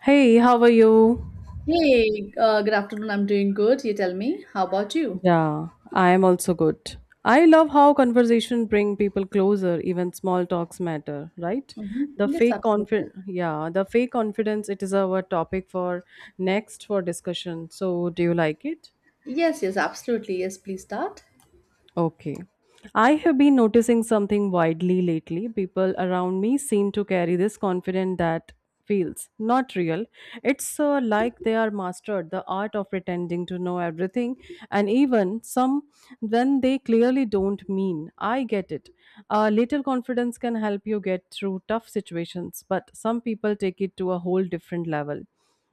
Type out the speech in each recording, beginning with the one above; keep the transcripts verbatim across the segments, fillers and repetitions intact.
Hey, how are you? Hey, uh, good afternoon. I'm doing good. You tell me, how about you? Yeah, I am also good. I love how conversation bring people closer, even small talks matter, right? hmm The Yes, fake absolutely. confidence, yeah, the fake confidence, it is our topic for next for discussion. So, do you like it? Yes, yes, absolutely. Yes, please start. Okay. I have been noticing something widely lately. People around me seem to carry this confidence that feels not real. It's uh, like they are mastered the art of pretending to know everything and even some when they clearly don't mean. I get it. A little confidence can help you get through tough situations, but some people take it to a whole different level.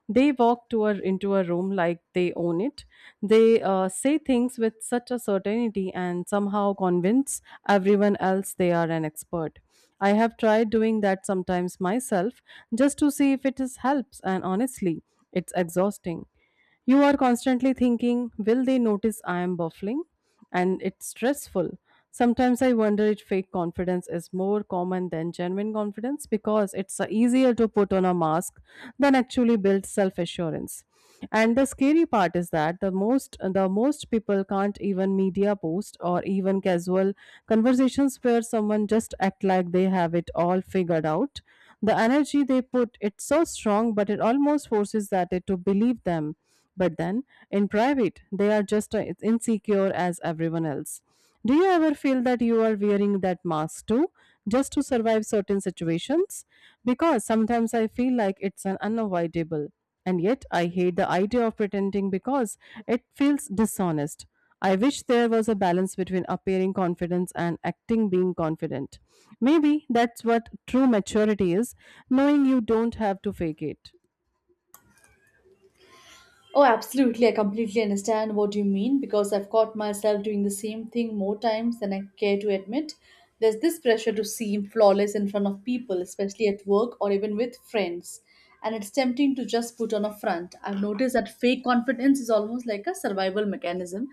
They walk to a, into a room like they own it. They uh, say things with such a certainty and somehow convince everyone else they are an expert. I have tried doing that sometimes myself just to see if it is helps, and honestly, it's exhausting. You are constantly thinking, will they notice I am buffling? And it's stressful. Sometimes I wonder if fake confidence is more common than genuine confidence because it's uh, easier to put on a mask than actually build self assurance. And the scary part is that the most the most people can't even media post or even casual conversations where someone just act like they have it all figured out, the energy they put, it's so strong, but it almost forces that it to believe them. But then, in private, they are just as insecure as everyone else. Do you ever feel that you are wearing that mask too, just to survive certain situations? Because sometimes I feel like it's an unavoidable. And yet, I hate the idea of pretending because it feels dishonest. I wish there was a balance between appearing confidence and acting being confident. Maybe that's what true maturity is, knowing you don't have to fake it. Oh, absolutely. I completely understand what you mean because I've caught myself doing the same thing more times than I care to admit. There's this pressure to seem flawless in front of people, especially at work or even with friends. And it's tempting to just put on a front. I've noticed that fake confidence is almost like a survival mechanism.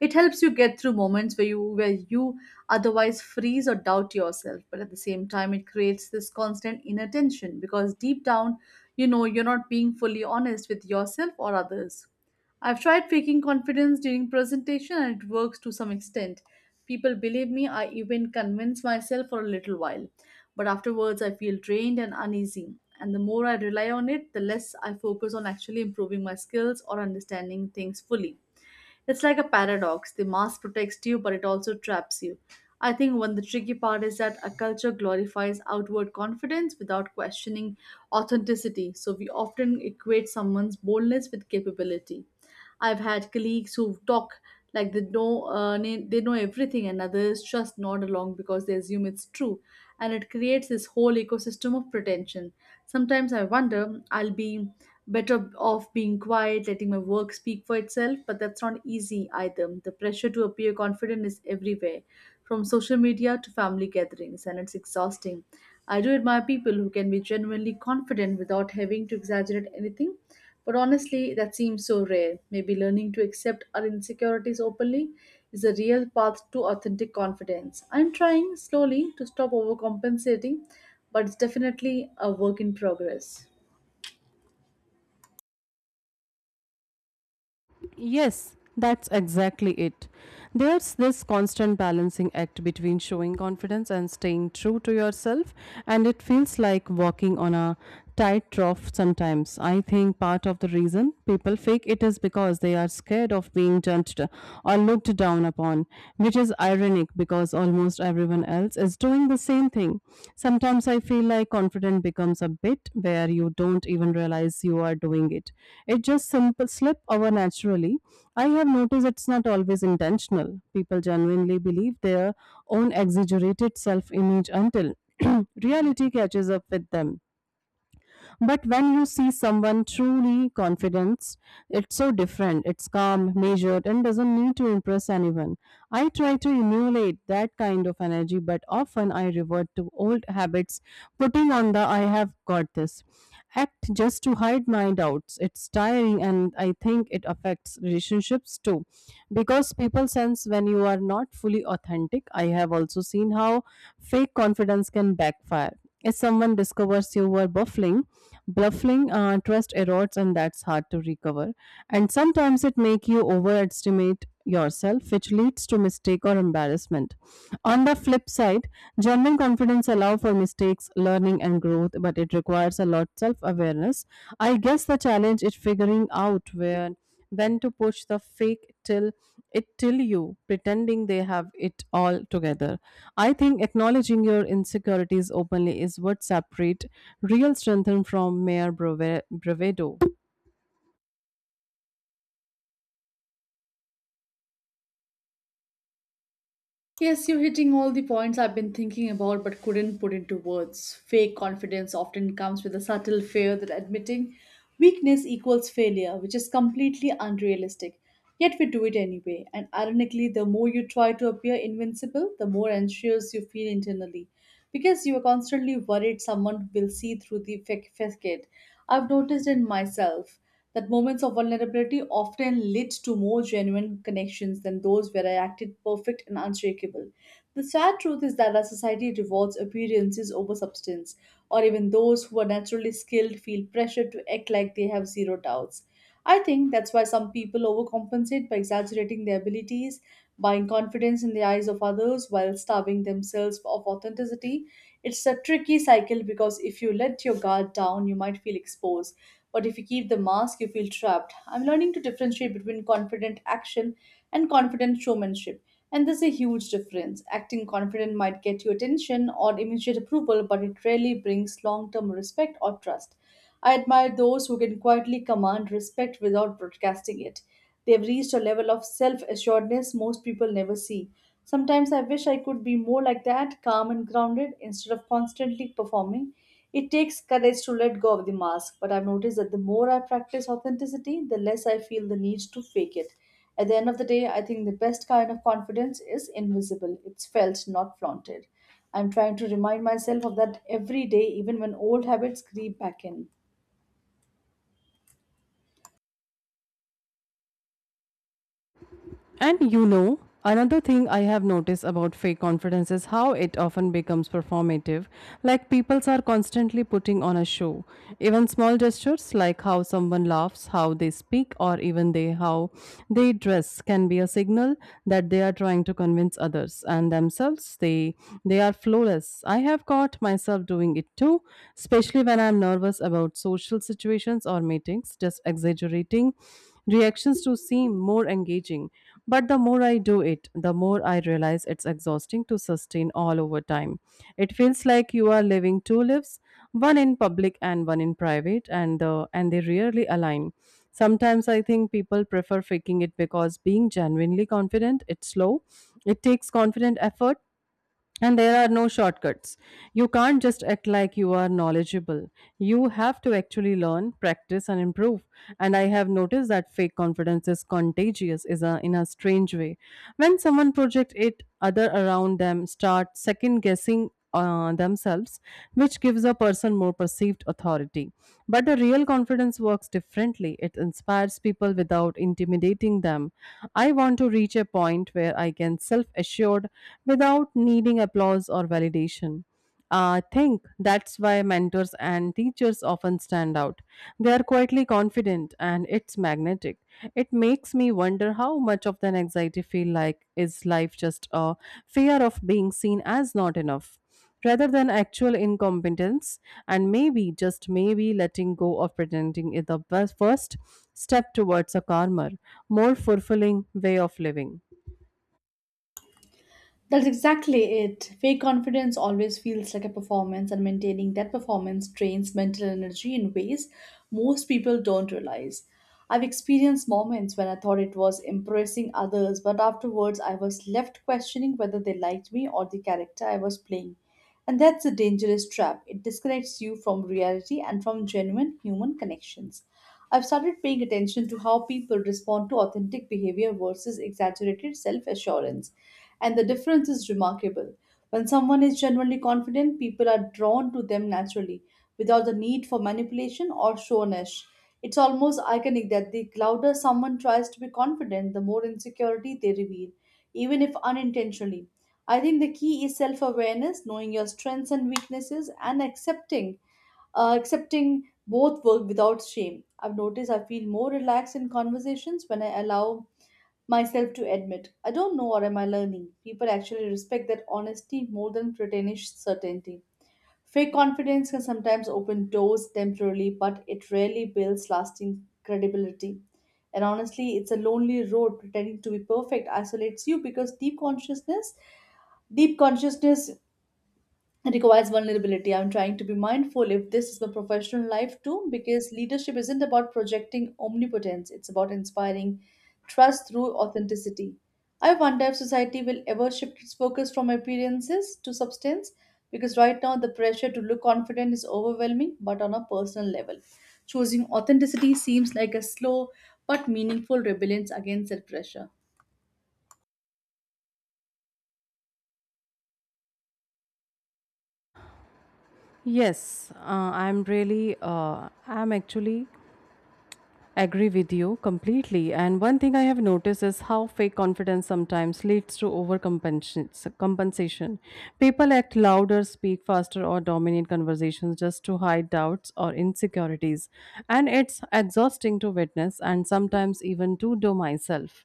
It helps you get through moments where you where you otherwise freeze or doubt yourself, but at the same time it creates this constant inner tension because deep down you know you're not being fully honest with yourself or others. I've tried faking confidence during presentation and it works to some extent. People believe me, I even convince myself for a little while. But afterwards, I feel drained and uneasy. And the more I rely on it, the less I focus on actually improving my skills or understanding things fully. It's like a paradox. The mask protects you, but it also traps you. I think one the tricky part is that a culture glorifies outward confidence without questioning authenticity. So we often equate someone's boldness with capability. I've had colleagues who talk like they know uh, na- they know everything, and others just nod along because they assume it's true, and it creates this whole ecosystem of pretension. Sometimes I wonder I'll be better off being quiet, letting my work speak for itself, but that's not easy either. The pressure to appear confident is everywhere, from social media to family gatherings, and it's exhausting. I do admire people who can be genuinely confident without having to exaggerate anything, but honestly, that seems so rare. Maybe learning to accept our insecurities openly is a real path to authentic confidence. I'm trying slowly to stop overcompensating, but it's definitely a work in progress. Yes, that's exactly it. There's this constant balancing act between showing confidence and staying true to yourself, and it feels like walking on a tightrope sometimes. I think part of the reason people fake it is because they are scared of being judged or looked down upon, which is ironic because as almost everyone else is doing the same thing. Sometimes I feel like confident becomes a bit where you don't even realize you are doing it. It just simple slip over naturally. I have noticed it's not always intentional. People genuinely believe their own exaggerated self image until reality catches up with them. But when you see someone truly confident, it's so different. It's calm, measured, and doesn't need to impress anyone. I try to emulate that kind of energy, but often I revert to old habits, putting on the I have got this act just to hide my doubts. It's tiring, and I think it affects relationships too because people sense when you are not fully authentic. I have also seen how fake confidence can backfire. If someone discovers you were buffling, bluffing, uh, trust erodes, and that's hard to recover. And sometimes it make you overestimate yourself, which leads to mistake or embarrassment. On the flip side, genuine confidence allow for mistakes, learning, and growth, but it requires a lot self awareness. I guess the challenge is figuring out where when to push the fake till it till you pretending they have it all together. I think acknowledging your insecurities openly is what separate real strength from mere brave- bravado. Yes, you're hitting all the points I've been thinking about but couldn't put into words. Fake confidence often comes with a subtle fear that admitting weakness equals failure, which is completely unrealistic. Yet we do it anyway, and ironically, the more you try to appear invincible, the more anxious you feel internally because you are constantly worried someone will see through the fac- facade. I've noticed in myself that moments of vulnerability often lead to more genuine connections than those where I acted perfect and unshakable. The sad truth is that our society rewards appearances over substance, or even those who are naturally skilled feel pressured to act like they have zero doubts. I think that's why some people overcompensate by exaggerating their abilities buying confidence in the eyes of others while starving themselves of authenticity. It's a tricky cycle because if you let your guard down, you might feel exposed. But if you keep the mask, you feel trapped. I'm learning to differentiate between confident action and confident showmanship. And there's a huge difference. Acting confident might get you attention or immediate approval, but it rarely brings long term respect or trust. I admire those who can quietly command respect without broadcasting it. They've reached a level of self assuredness most people never see. Sometimes I wish I could be more like that, calm and grounded, instead of constantly performing. It takes courage to let go of the mask, but I've noticed that the more I practice authenticity, the less I feel the need to fake it. At the end of the day, I think the best kind of confidence is invisible, it's felt, not flaunted. I'm trying to remind myself of that every day, even when old habits creep back in. And you know, another thing I have noticed about fake confidence is how it often becomes performative. Like people are constantly putting on a show. Even small gestures like how someone laughs, how they speak, or even they how they dress can be a signal that they are trying to convince others and themselves they they are flawless. I have caught myself doing it too, especially when I'm nervous about social situations or meetings, just exaggerating reactions to seem more engaging. But the more I do it, the more I realize it's exhausting to sustain all over time. It feels like you are living two lives, one in public and one in private, and the, and they rarely align. Sometimes I think people prefer faking it because being genuinely confident, it's slow, it takes confident effort and there are no shortcuts. You can't just act like you are knowledgeable. You have to actually learn, practice, and improve. And I have noticed that fake confidence is contagious is a, in a strange way. When someone projects it, other around them start second guessing uh, themselves, which gives a person more perceived authority. But a real confidence works differently. It inspires people without intimidating them. I want to reach a point where I can self assured without needing applause or validation. I think that's why mentors and teachers often stand out. They are quietly confident and it's magnetic. It makes me wonder how much of that anxiety feel like is life just a fear of being seen as not enough rather than actual incompetence. And maybe, just maybe, letting go of pretending is the best- first step towards a calmer, more fulfilling way of living. That's exactly it. Fake confidence always feels like a performance, and maintaining that performance drains mental energy in ways most people don't realize. I've experienced moments when I thought it was impressing others, but afterwards I was left questioning whether they liked me or the character I was playing. And that's a dangerous trap. It disconnects you from reality and from genuine human connections. I've started paying attention to how people respond to authentic behavior versus exaggerated self assurance and the difference is remarkable. When someone is genuinely confident, people are drawn to them naturally, without the need for manipulation or shownish. It's almost iconic that the louder someone tries to be confident, the more insecurity they reveal, even if unintentionally. I think the key is self awareness, knowing your strengths and weaknesses, and accepting uh, accepting both work without shame. I've noticed I feel more relaxed in conversations when I allow myself to admit, I don't know what am I learning. People actually respect that honesty more than pretentious certainty. Fake confidence can sometimes open doors temporarily, but it rarely builds lasting credibility. And honestly, it's a lonely road. Pretending to be perfect isolates you because deep consciousness, deep consciousness it requires vulnerability. I'm trying to be mindful if this is my professional life too, because leadership isn't about projecting omnipotence, it's about inspiring trust through authenticity. I wonder if society will ever shift its focus from appearances to substance, because right now the pressure to look confident is overwhelming, but on a personal level. Choosing authenticity seems like a slow but meaningful rebellion against that pressure. Yes, uh, I'm really, uh, I'm actually agree with you completely. And one thing I have noticed is how fake confidence sometimes leads to overcompensation. People act louder, speak faster, or dominate conversations just to hide doubts or insecurities. And it's exhausting to witness and sometimes even to do myself.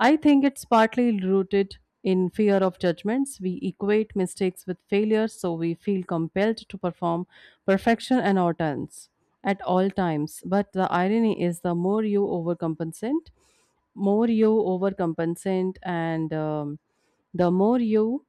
I think it's partly rooted in fear of judgments. We equate mistakes with failure, so we feel compelled to perform perfection and our turns at all times. But the irony is, the more you overcompensate, more you overcompensate, and um, the more you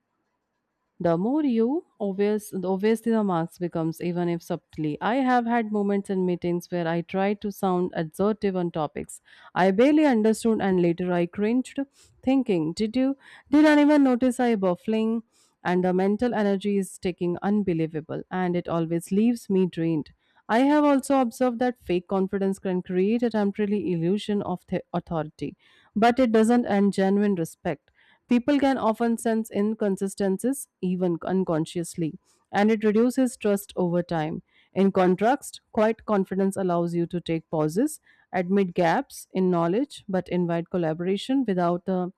the more you obvious, obviously the marks becomes, even if subtly. I have had moments in meetings where I tried to sound assertive on topics I barely understood, and later I cringed, thinking, "Did you? Did anyone notice I buffling?" And the mental energy is taking unbelievable, and it always leaves me drained. I have also observed that fake confidence can create a temporary illusion of the authority, but it doesn't end genuine respect. People can often sense inconsistencies, even unconsciously, and it reduces trust over time. In contrast, quiet confidence allows you to take pauses, admit gaps in knowledge, but invite collaboration without the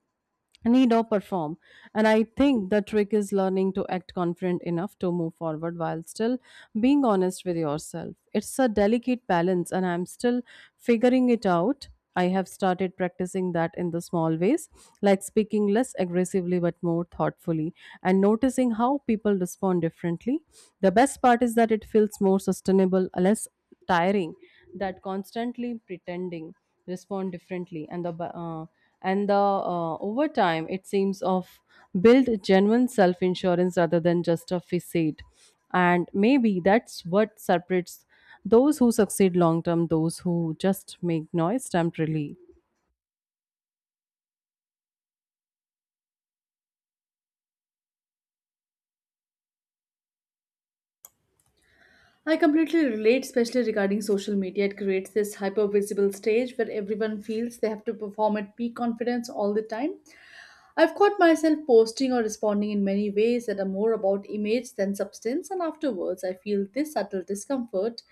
need or perform. And I think the trick is learning to act confident enough to move forward while still being honest with yourself. It's a delicate balance and I'm still figuring it out. I have started practicing that in the small ways, like speaking less aggressively but more thoughtfully, and noticing how people respond differently. The best part is that it feels more sustainable, less tiring that constantly pretending respond differently and the ba- uh, and the uh,. Over time it seems of build genuine self insurance rather than just a facade. And maybe that's what separates those who succeed long term those who just make noise temporarily. I completely relate, especially regarding social media. It creates this hyper visible stage where everyone feels they have to perform at peak confidence all the time. I've caught myself posting or responding in many ways that are more about image than substance, and afterwards I feel this subtle discomfort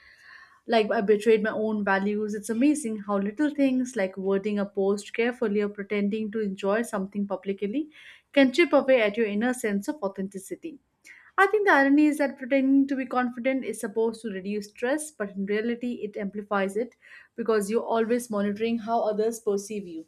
like I betrayed my own values. It's amazing how little things like wording a post carefully or pretending to enjoy something publicly can chip away at your inner sense of authenticity. I think the irony is that pretending to be confident is supposed to reduce stress, but in reality, it amplifies it because you're always monitoring how others perceive you.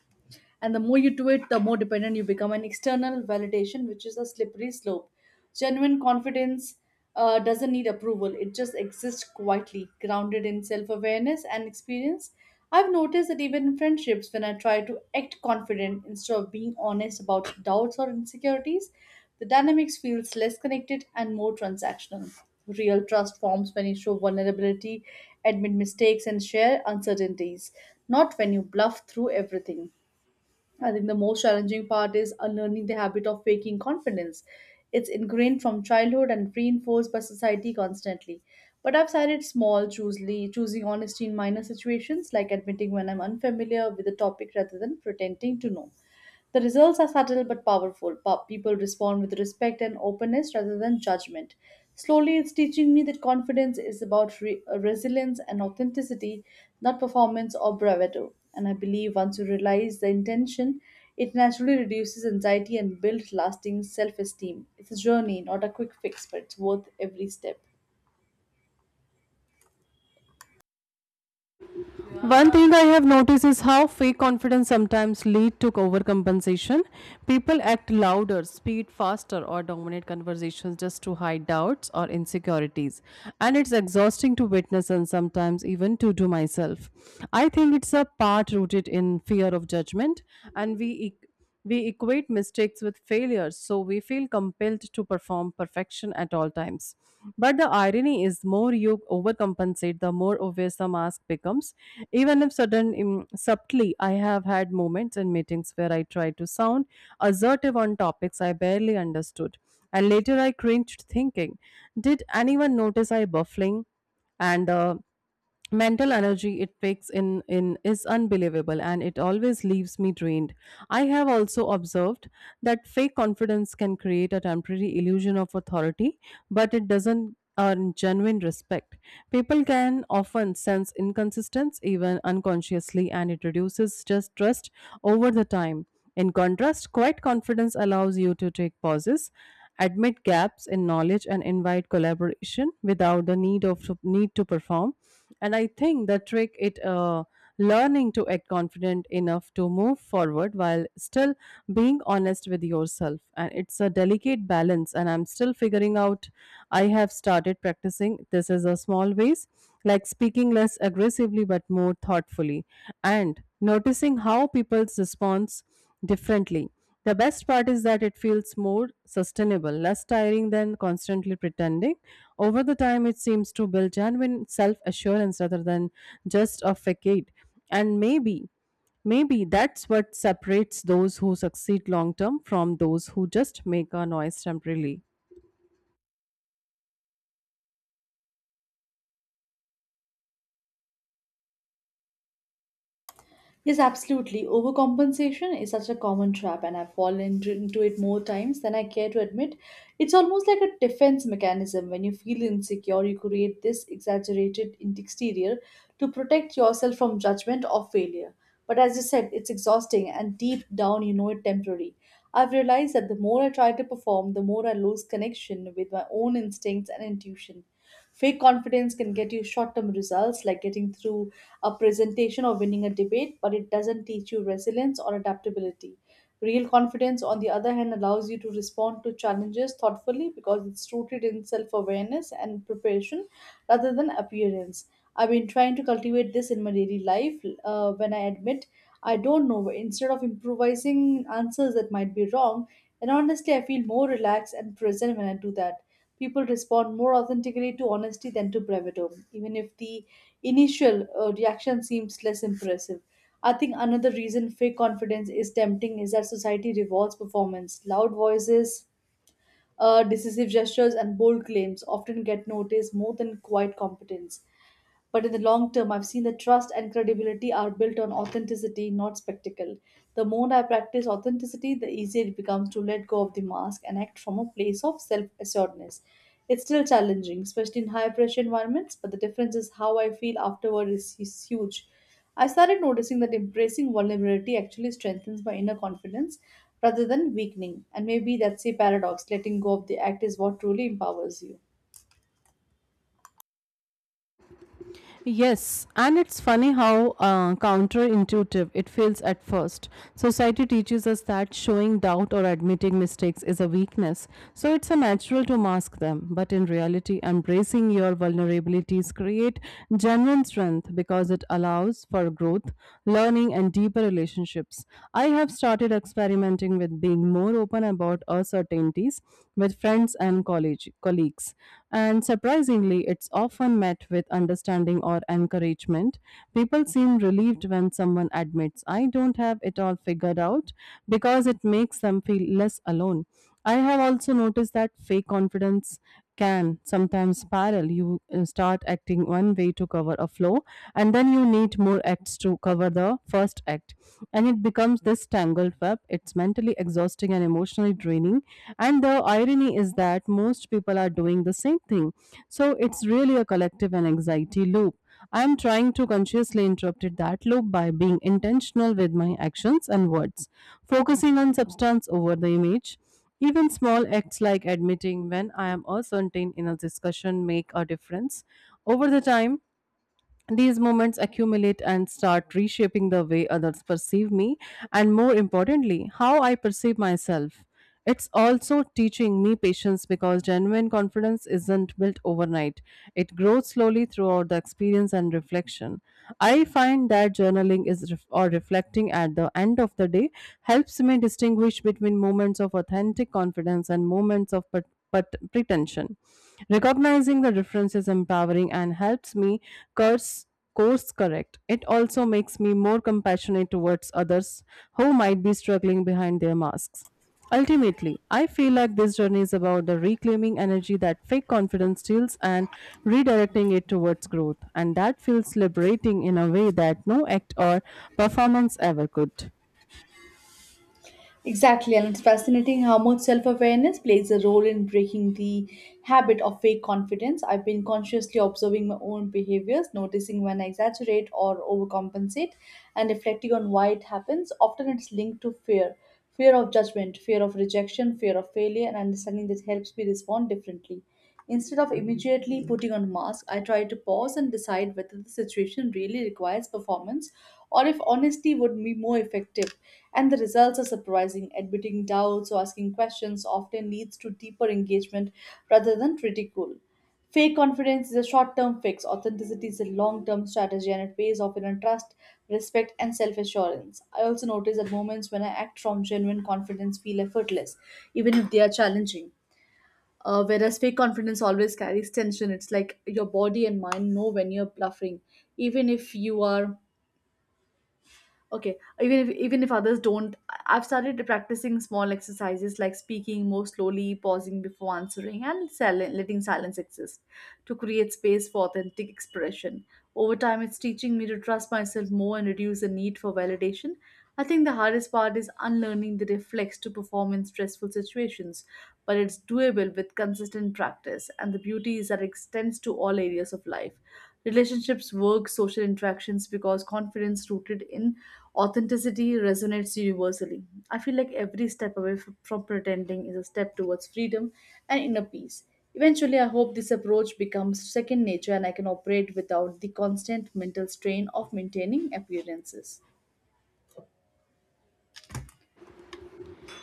And the more you do it, the more dependent you become on external validation, which is a slippery slope. Genuine confidence uh, doesn't need approval, it just exists quietly, grounded in self awareness and experience. I've noticed that even in friendships, when I try to act confident instead of being honest about doubts or insecurities, the dynamics feels less connected and more transactional. Real trust forms when you show vulnerability, admit mistakes, and share uncertainties, not when you bluff through everything. I think the most challenging part is unlearning the habit of faking confidence. It's ingrained from childhood and reinforced by society constantly. But I've started small, choosily choosing honesty in minor situations, like admitting when I'm unfamiliar with a topic rather than pretending to know. The results are subtle but powerful. Pa- people respond with respect and openness rather than judgment. Slowly, it's teaching me that confidence is about re- uh, resilience and authenticity, not performance or bravado. And I believe once you realize the intention, it naturally reduces anxiety and builds lasting self esteem. It's a journey, not a quick fix, but it's worth every step. One thing I have noticed is how fake confidence sometimes lead to overcompensation. People act louder, speak faster, or dominate conversations just to hide doubts or insecurities. And it's exhausting to witness and sometimes even to do myself. I think it's a part rooted in fear of judgment and we e- we equate mistakes with failures, so we feel compelled to perform perfection at all times. But the irony is, more you overcompensate, the more obvious the mask becomes. Even if sudden, im- subtly, I have had moments in meetings where I tried to sound assertive on topics I barely understood, and later I cringed, thinking, "Did anyone notice I buffling?" and uh, Mental energy it takes in in is unbelievable and it always leaves me drained. I have also observed that fake confidence can create a temporary illusion of authority, but it doesn't earn genuine respect. People can often sense inconsistence even unconsciously and it reduces just trust over the time. In contrast, quiet confidence allows you to take pauses, admit gaps in knowledge, and invite collaboration without the need of need to perform. And I think the trick it uh, learning to act confident enough to move forward while still being honest with yourself. And it's a delicate balance. And I'm still figuring out. I have started practicing. This is a small ways, like speaking less aggressively but more thoughtfully, and noticing how people's response differently. The best part is that it feels more sustainable, less tiring than constantly pretending. Over the time, it seems to build genuine self assurance rather than just a facade. And maybe, maybe that's what separates those who succeed long term from those who just make a noise temporarily. Yes, absolutely. Overcompensation is such a common trap, and I've fallen t- into it more times than I care to admit. It's almost like a defense mechanism. When you feel insecure, you create this exaggerated in- exterior to protect yourself from judgment or failure. But as you said, it's exhausting, and deep down, you know it temporary. I've realized that the more I try to perform, the more I lose connection with my own instincts and intuition. Fake confidence can get you short term results like getting through a presentation or winning a debate, but it doesn't teach you resilience or adaptability. Real confidence, on the other hand, allows you to respond to challenges thoughtfully because it's rooted in self awareness and preparation rather than appearance. I've been trying to cultivate this in my daily life uh, when I admit I don't know. Instead of improvising answers that might be wrong, and honestly, I feel more relaxed and present when I do that. People respond more authentically to honesty than to bravado, even if the initial uh, reaction seems less impressive. I think another reason fake confidence is tempting is that society rewards performance. Loud voices, uh, decisive gestures, and bold claims often get noticed more than quiet competence. But in the long term, I've seen that trust and credibility are built on authenticity, not spectacle. The more I practice authenticity, the easier it becomes to let go of the mask and act from a place of self assuredness. It's still challenging, especially in high pressure environments, but the difference is how I feel afterward is, is huge. I started noticing that embracing vulnerability actually strengthens my inner confidence rather than weakening. And maybe that's a paradox letting go of the act is what truly empowers you. Yes, and it's funny how uh, counterintuitive it feels at first. Society teaches us that showing doubt or admitting mistakes is a weakness, so it's a natural to mask them. But in reality, embracing your vulnerabilities create genuine strength because it allows for growth, learning, and deeper relationships. I have started experimenting with being more open about uncertainties with friends friends and college colleagues. And surprisingly, it's often met with understanding or encouragement. People seem relieved when someone admits, "I don't have it all figured out," because it makes them feel less alone. I have also noticed that fake confidence can sometimes spiral. You uh, start acting one way to cover a flow, and then you need more acts to cover the first act. And it becomes this tangled web. It's mentally exhausting and emotionally draining. And the irony is that most people are doing the same thing. So it's really a collective and anxiety loop. I am trying to consciously interrupt it that loop by being intentional with my actions and words, focusing on substance over the image. Even small acts like admitting when I am uncertain in a discussion make a difference. Over the time, these moments accumulate and start reshaping the way others perceive me, and more importantly, how I perceive myself. It's also teaching me patience because genuine confidence isn't built overnight. It grows slowly throughout the experience and reflection. I find that journaling is ref- or reflecting at the end of the day helps me distinguish between moments of authentic confidence and moments of per- but pretension. Recognizing the difference is empowering and helps me curse course correct. It also makes me more compassionate towards others who might be struggling behind their masks. Ultimately, I feel like this journey is about the reclaiming energy that fake confidence steals and redirecting it towards growth. And that feels liberating in a way that no act or performance ever could. Exactly, and it's fascinating how much self awareness plays a role in breaking the habit of fake confidence. I've been consciously observing my own behaviors, noticing when I exaggerate or overcompensate, and reflecting on why it happens. Often it's linked to fear fear of judgment, fear of rejection, fear of failure, and understanding that helps me respond differently. Instead of immediately putting on mask, I try to pause and decide whether the situation really requires performance or if honesty would be more effective. And the results are surprising. Admitting doubts or asking questions often leads to deeper engagement rather than ridicule. Fake confidence is a short term fix, authenticity is a long term strategy, and it pays off in trust, respect, and self assurance. I also notice that moments when I act from genuine confidence feel effortless, even if they are challenging, uh, whereas fake confidence always carries tension. It's like your body and mind know when you're bluffing even if you are. Okay. Even if even if others don't. I- i've started practicing small exercises like speaking more slowly, pausing before answering, and sil- letting silence exist to create space for authentic expression. Over time, it's teaching me to trust myself more and reduce the need for validation. I think the hardest part is unlearning the reflex to perform in stressful situations, but it's doable with consistent practice, and the beauty is that it extends to all areas of life: relationships, work, social interactions, because confidence rooted in authenticity resonates universally. I feel like every step away f- from pretending is a step towards freedom and inner peace. Eventually, I hope this approach becomes second nature and I can operate without the constant mental strain of maintaining appearances.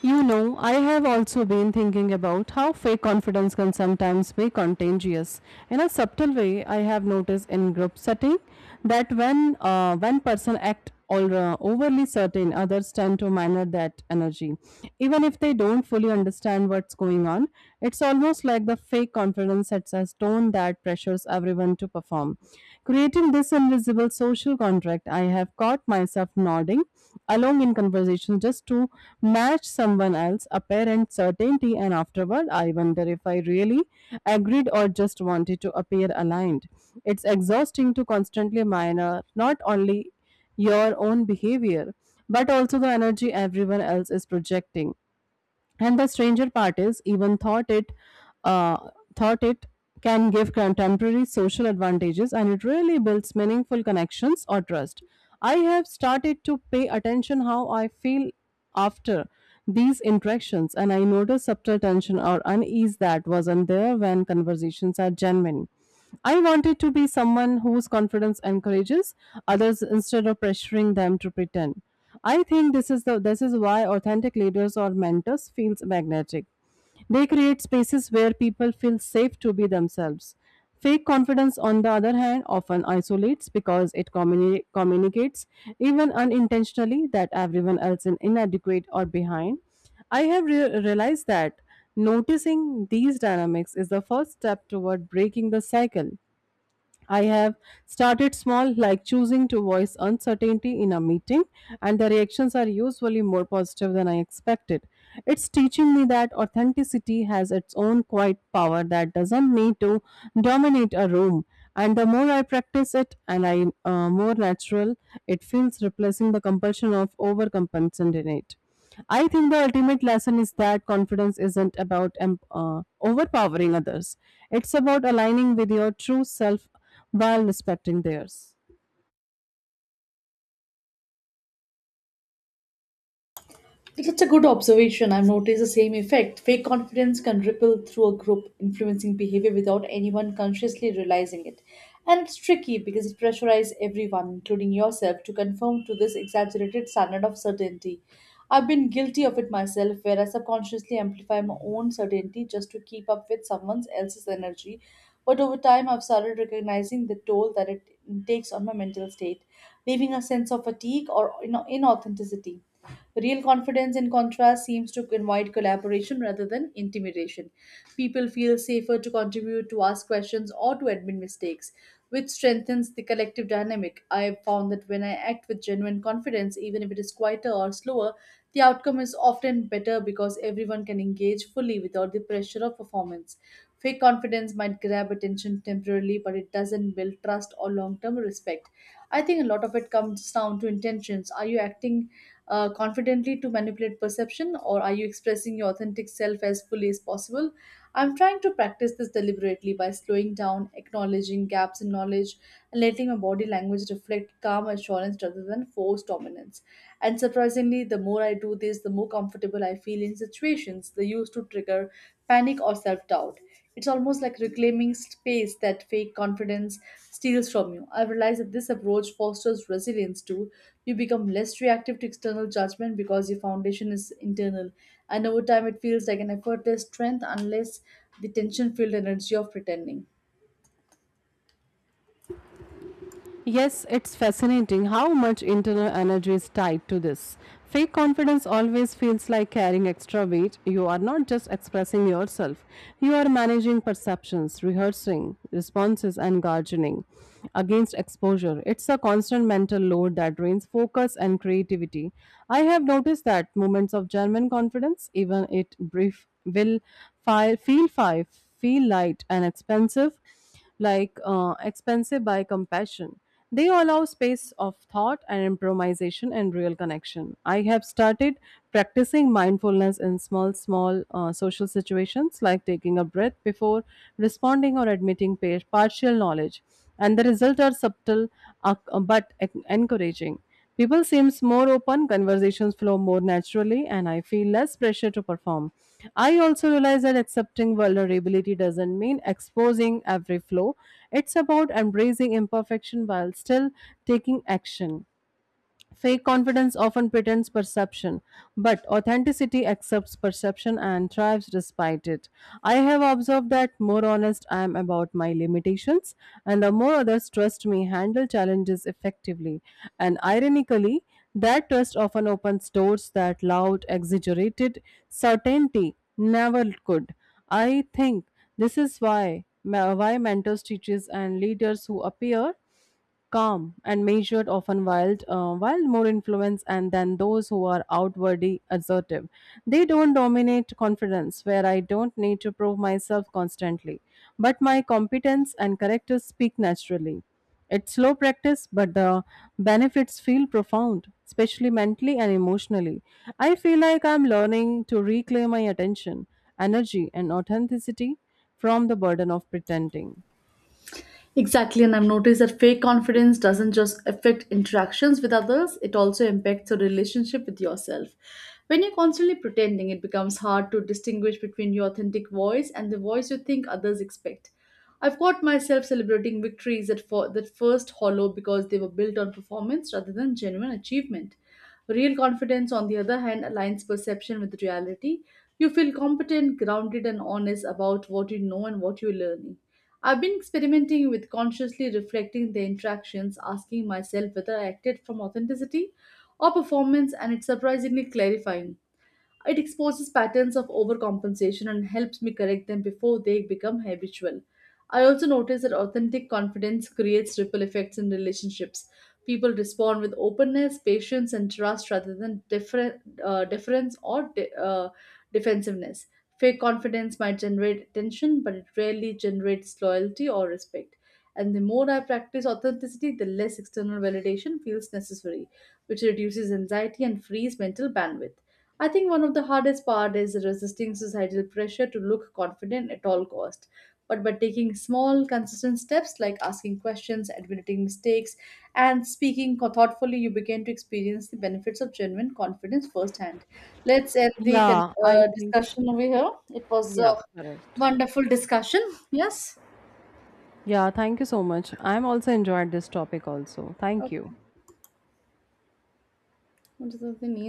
You know, I have also been thinking about how fake confidence can sometimes be contagious. In a subtle way, I have noticed in group setting that when uh, one person acts all, uh, overly certain, others tend to mirror that energy. Even if they don't fully understand what's going on, it's almost like the fake confidence sets a tone that pressures everyone to perform. Creating this invisible social contract, I have caught myself nodding along in conversations just to match someone else's apparent certainty, and afterward, I wonder if I really agreed or just wanted to appear aligned. It's exhausting to constantly monitor not only your own behavior, but also the energy everyone else is projecting. And the stranger part is, even thought it uh, thought it can give contemporary social advantages and it really builds meaningful connections or trust. I have started to pay attention how I feel after these interactions, and I notice subtle tension or unease that wasn't there when conversations are genuine. I wanted to be someone whose confidence encourages others instead of pressuring them to pretend. I think this is the this is why authentic leaders or mentors feels magnetic. They create spaces where people feel safe to be themselves. Fake confidence, on the other hand, often isolates because it communi- communicates, even unintentionally, that everyone else is inadequate or behind. I have re- realized that noticing these dynamics is the first step toward breaking the cycle. I have started small, like choosing to voice uncertainty in a meeting, and the reactions are usually more positive than I expected. It's teaching me that authenticity has its own quiet power that doesn't need to dominate a room. And the more I practice it, and I uh, more natural, it feels replacing the compulsion of overcompensating it. I think the ultimate lesson is that confidence isn't about um, uh, overpowering others. It's about aligning with your true self while respecting theirs. That's a good observation. I've noticed the same effect. Fake confidence can ripple through a group, influencing behavior without anyone consciously realizing it. And it's tricky because it pressurizes everyone, including yourself, to conform to this exaggerated standard of certainty. I've been guilty of it myself, where I subconsciously amplify my own certainty just to keep up with someone else's energy. But over time, I've started recognizing the toll that it takes on my mental state, leaving a sense of fatigue or ina- inauthenticity. Real confidence, in contrast, seems to invite collaboration rather than intimidation. People feel safer to contribute, to ask questions, or to admit mistakes, which strengthens the collective dynamic. I've found that when I act with genuine confidence, even if it is quieter or slower, the outcome is often better because everyone can engage fully without the pressure of performance. Fake confidence might grab attention temporarily, but it doesn't build trust or long term respect. I think a lot of it comes down to intentions. Are you acting uh, confidently to manipulate perception, or are you expressing your authentic self as fully as possible? I'm trying to practice this deliberately by slowing down, acknowledging gaps in knowledge, and letting my body language reflect calm assurance rather than forced dominance. And surprisingly, the more I do this, the more comfortable I feel in situations that used to trigger panic or self doubt. It's almost like reclaiming space that fake confidence steals from you. I realize that this approach fosters resilience too. You become less reactive to external judgment because your foundation is internal. And over time, it feels like an effortless strength unless the tension filled energy of pretending. Yes, it's fascinating how much internal energy is tied to this. Fake confidence always feels like carrying extra weight. You are not just expressing yourself, you are managing perceptions, rehearsing responses, and guarding against exposure. It's a constant mental load that drains focus and creativity. I have noticed that moments of genuine confidence, even it brief, will fi- feel five, feel light and expensive, like uh, expensive by compassion. They allow space of thought and improvisation and real connection. I have started practicing mindfulness in small, small uh, social situations, like taking a breath before responding or admitting pa- partial knowledge, and the results are subtle uh, but en- encouraging. People seems more open, conversations flow more naturally, and I feel less pressure to perform. I also realize that accepting vulnerability doesn't mean exposing every flaw. It's about embracing imperfection while still taking action. Fake confidence often pretends perception, but authenticity accepts perception and thrives despite it. I have observed that more honest I am about my limitations, and the more others trust me, handle challenges effectively. And ironically, that trust often opens doors that loud, exaggerated certainty never could. I think this is why ma- why mentors, teachers, and leaders who appear calm and measured, often wild, uh, wild more influence and than those who are outwardly assertive. They don't dominate confidence, where I don't need to prove myself constantly, but my competence and character speak naturally. It's slow practice, but the benefits feel profound, especially mentally and emotionally. I feel like I'm learning to reclaim my attention, energy, and authenticity from the burden of pretending. Exactly, and I've noticed that fake confidence doesn't just affect interactions with others, it also impacts your relationship with yourself. When you're constantly pretending, it becomes hard to distinguish between your authentic voice and the voice you think others expect. I've caught myself celebrating victories that, for, that first hollow because they were built on performance rather than genuine achievement. Real confidence, on the other hand, aligns perception with reality. You feel competent, grounded, and honest about what you know and what you're learning. I've been experimenting with consciously reflecting the interactions, asking myself whether I acted from authenticity or performance, and it's surprisingly clarifying. It exposes patterns of overcompensation and helps me correct them before they become habitual. I also notice that authentic confidence creates ripple effects in relationships. People respond with openness, patience, and trust rather than different, uh, difference or de- uh, defensiveness. Fake confidence might generate tension, but it rarely generates loyalty or respect. And the more I practice authenticity, the less external validation feels necessary, which reduces anxiety and frees mental bandwidth. I think one of the hardest part is resisting societal pressure to look confident at all cost. But by taking small, consistent steps like asking questions, admitting mistakes, and speaking thoughtfully, you begin to experience the benefits of genuine confidence firsthand. Let's end the con- Yeah, I uh, think, discussion over here. It was a yeah. Correct. wonderful discussion. Yes. Yeah, thank you so much. I'm also enjoyed this topic also. Thank you. Okay. What is the thing?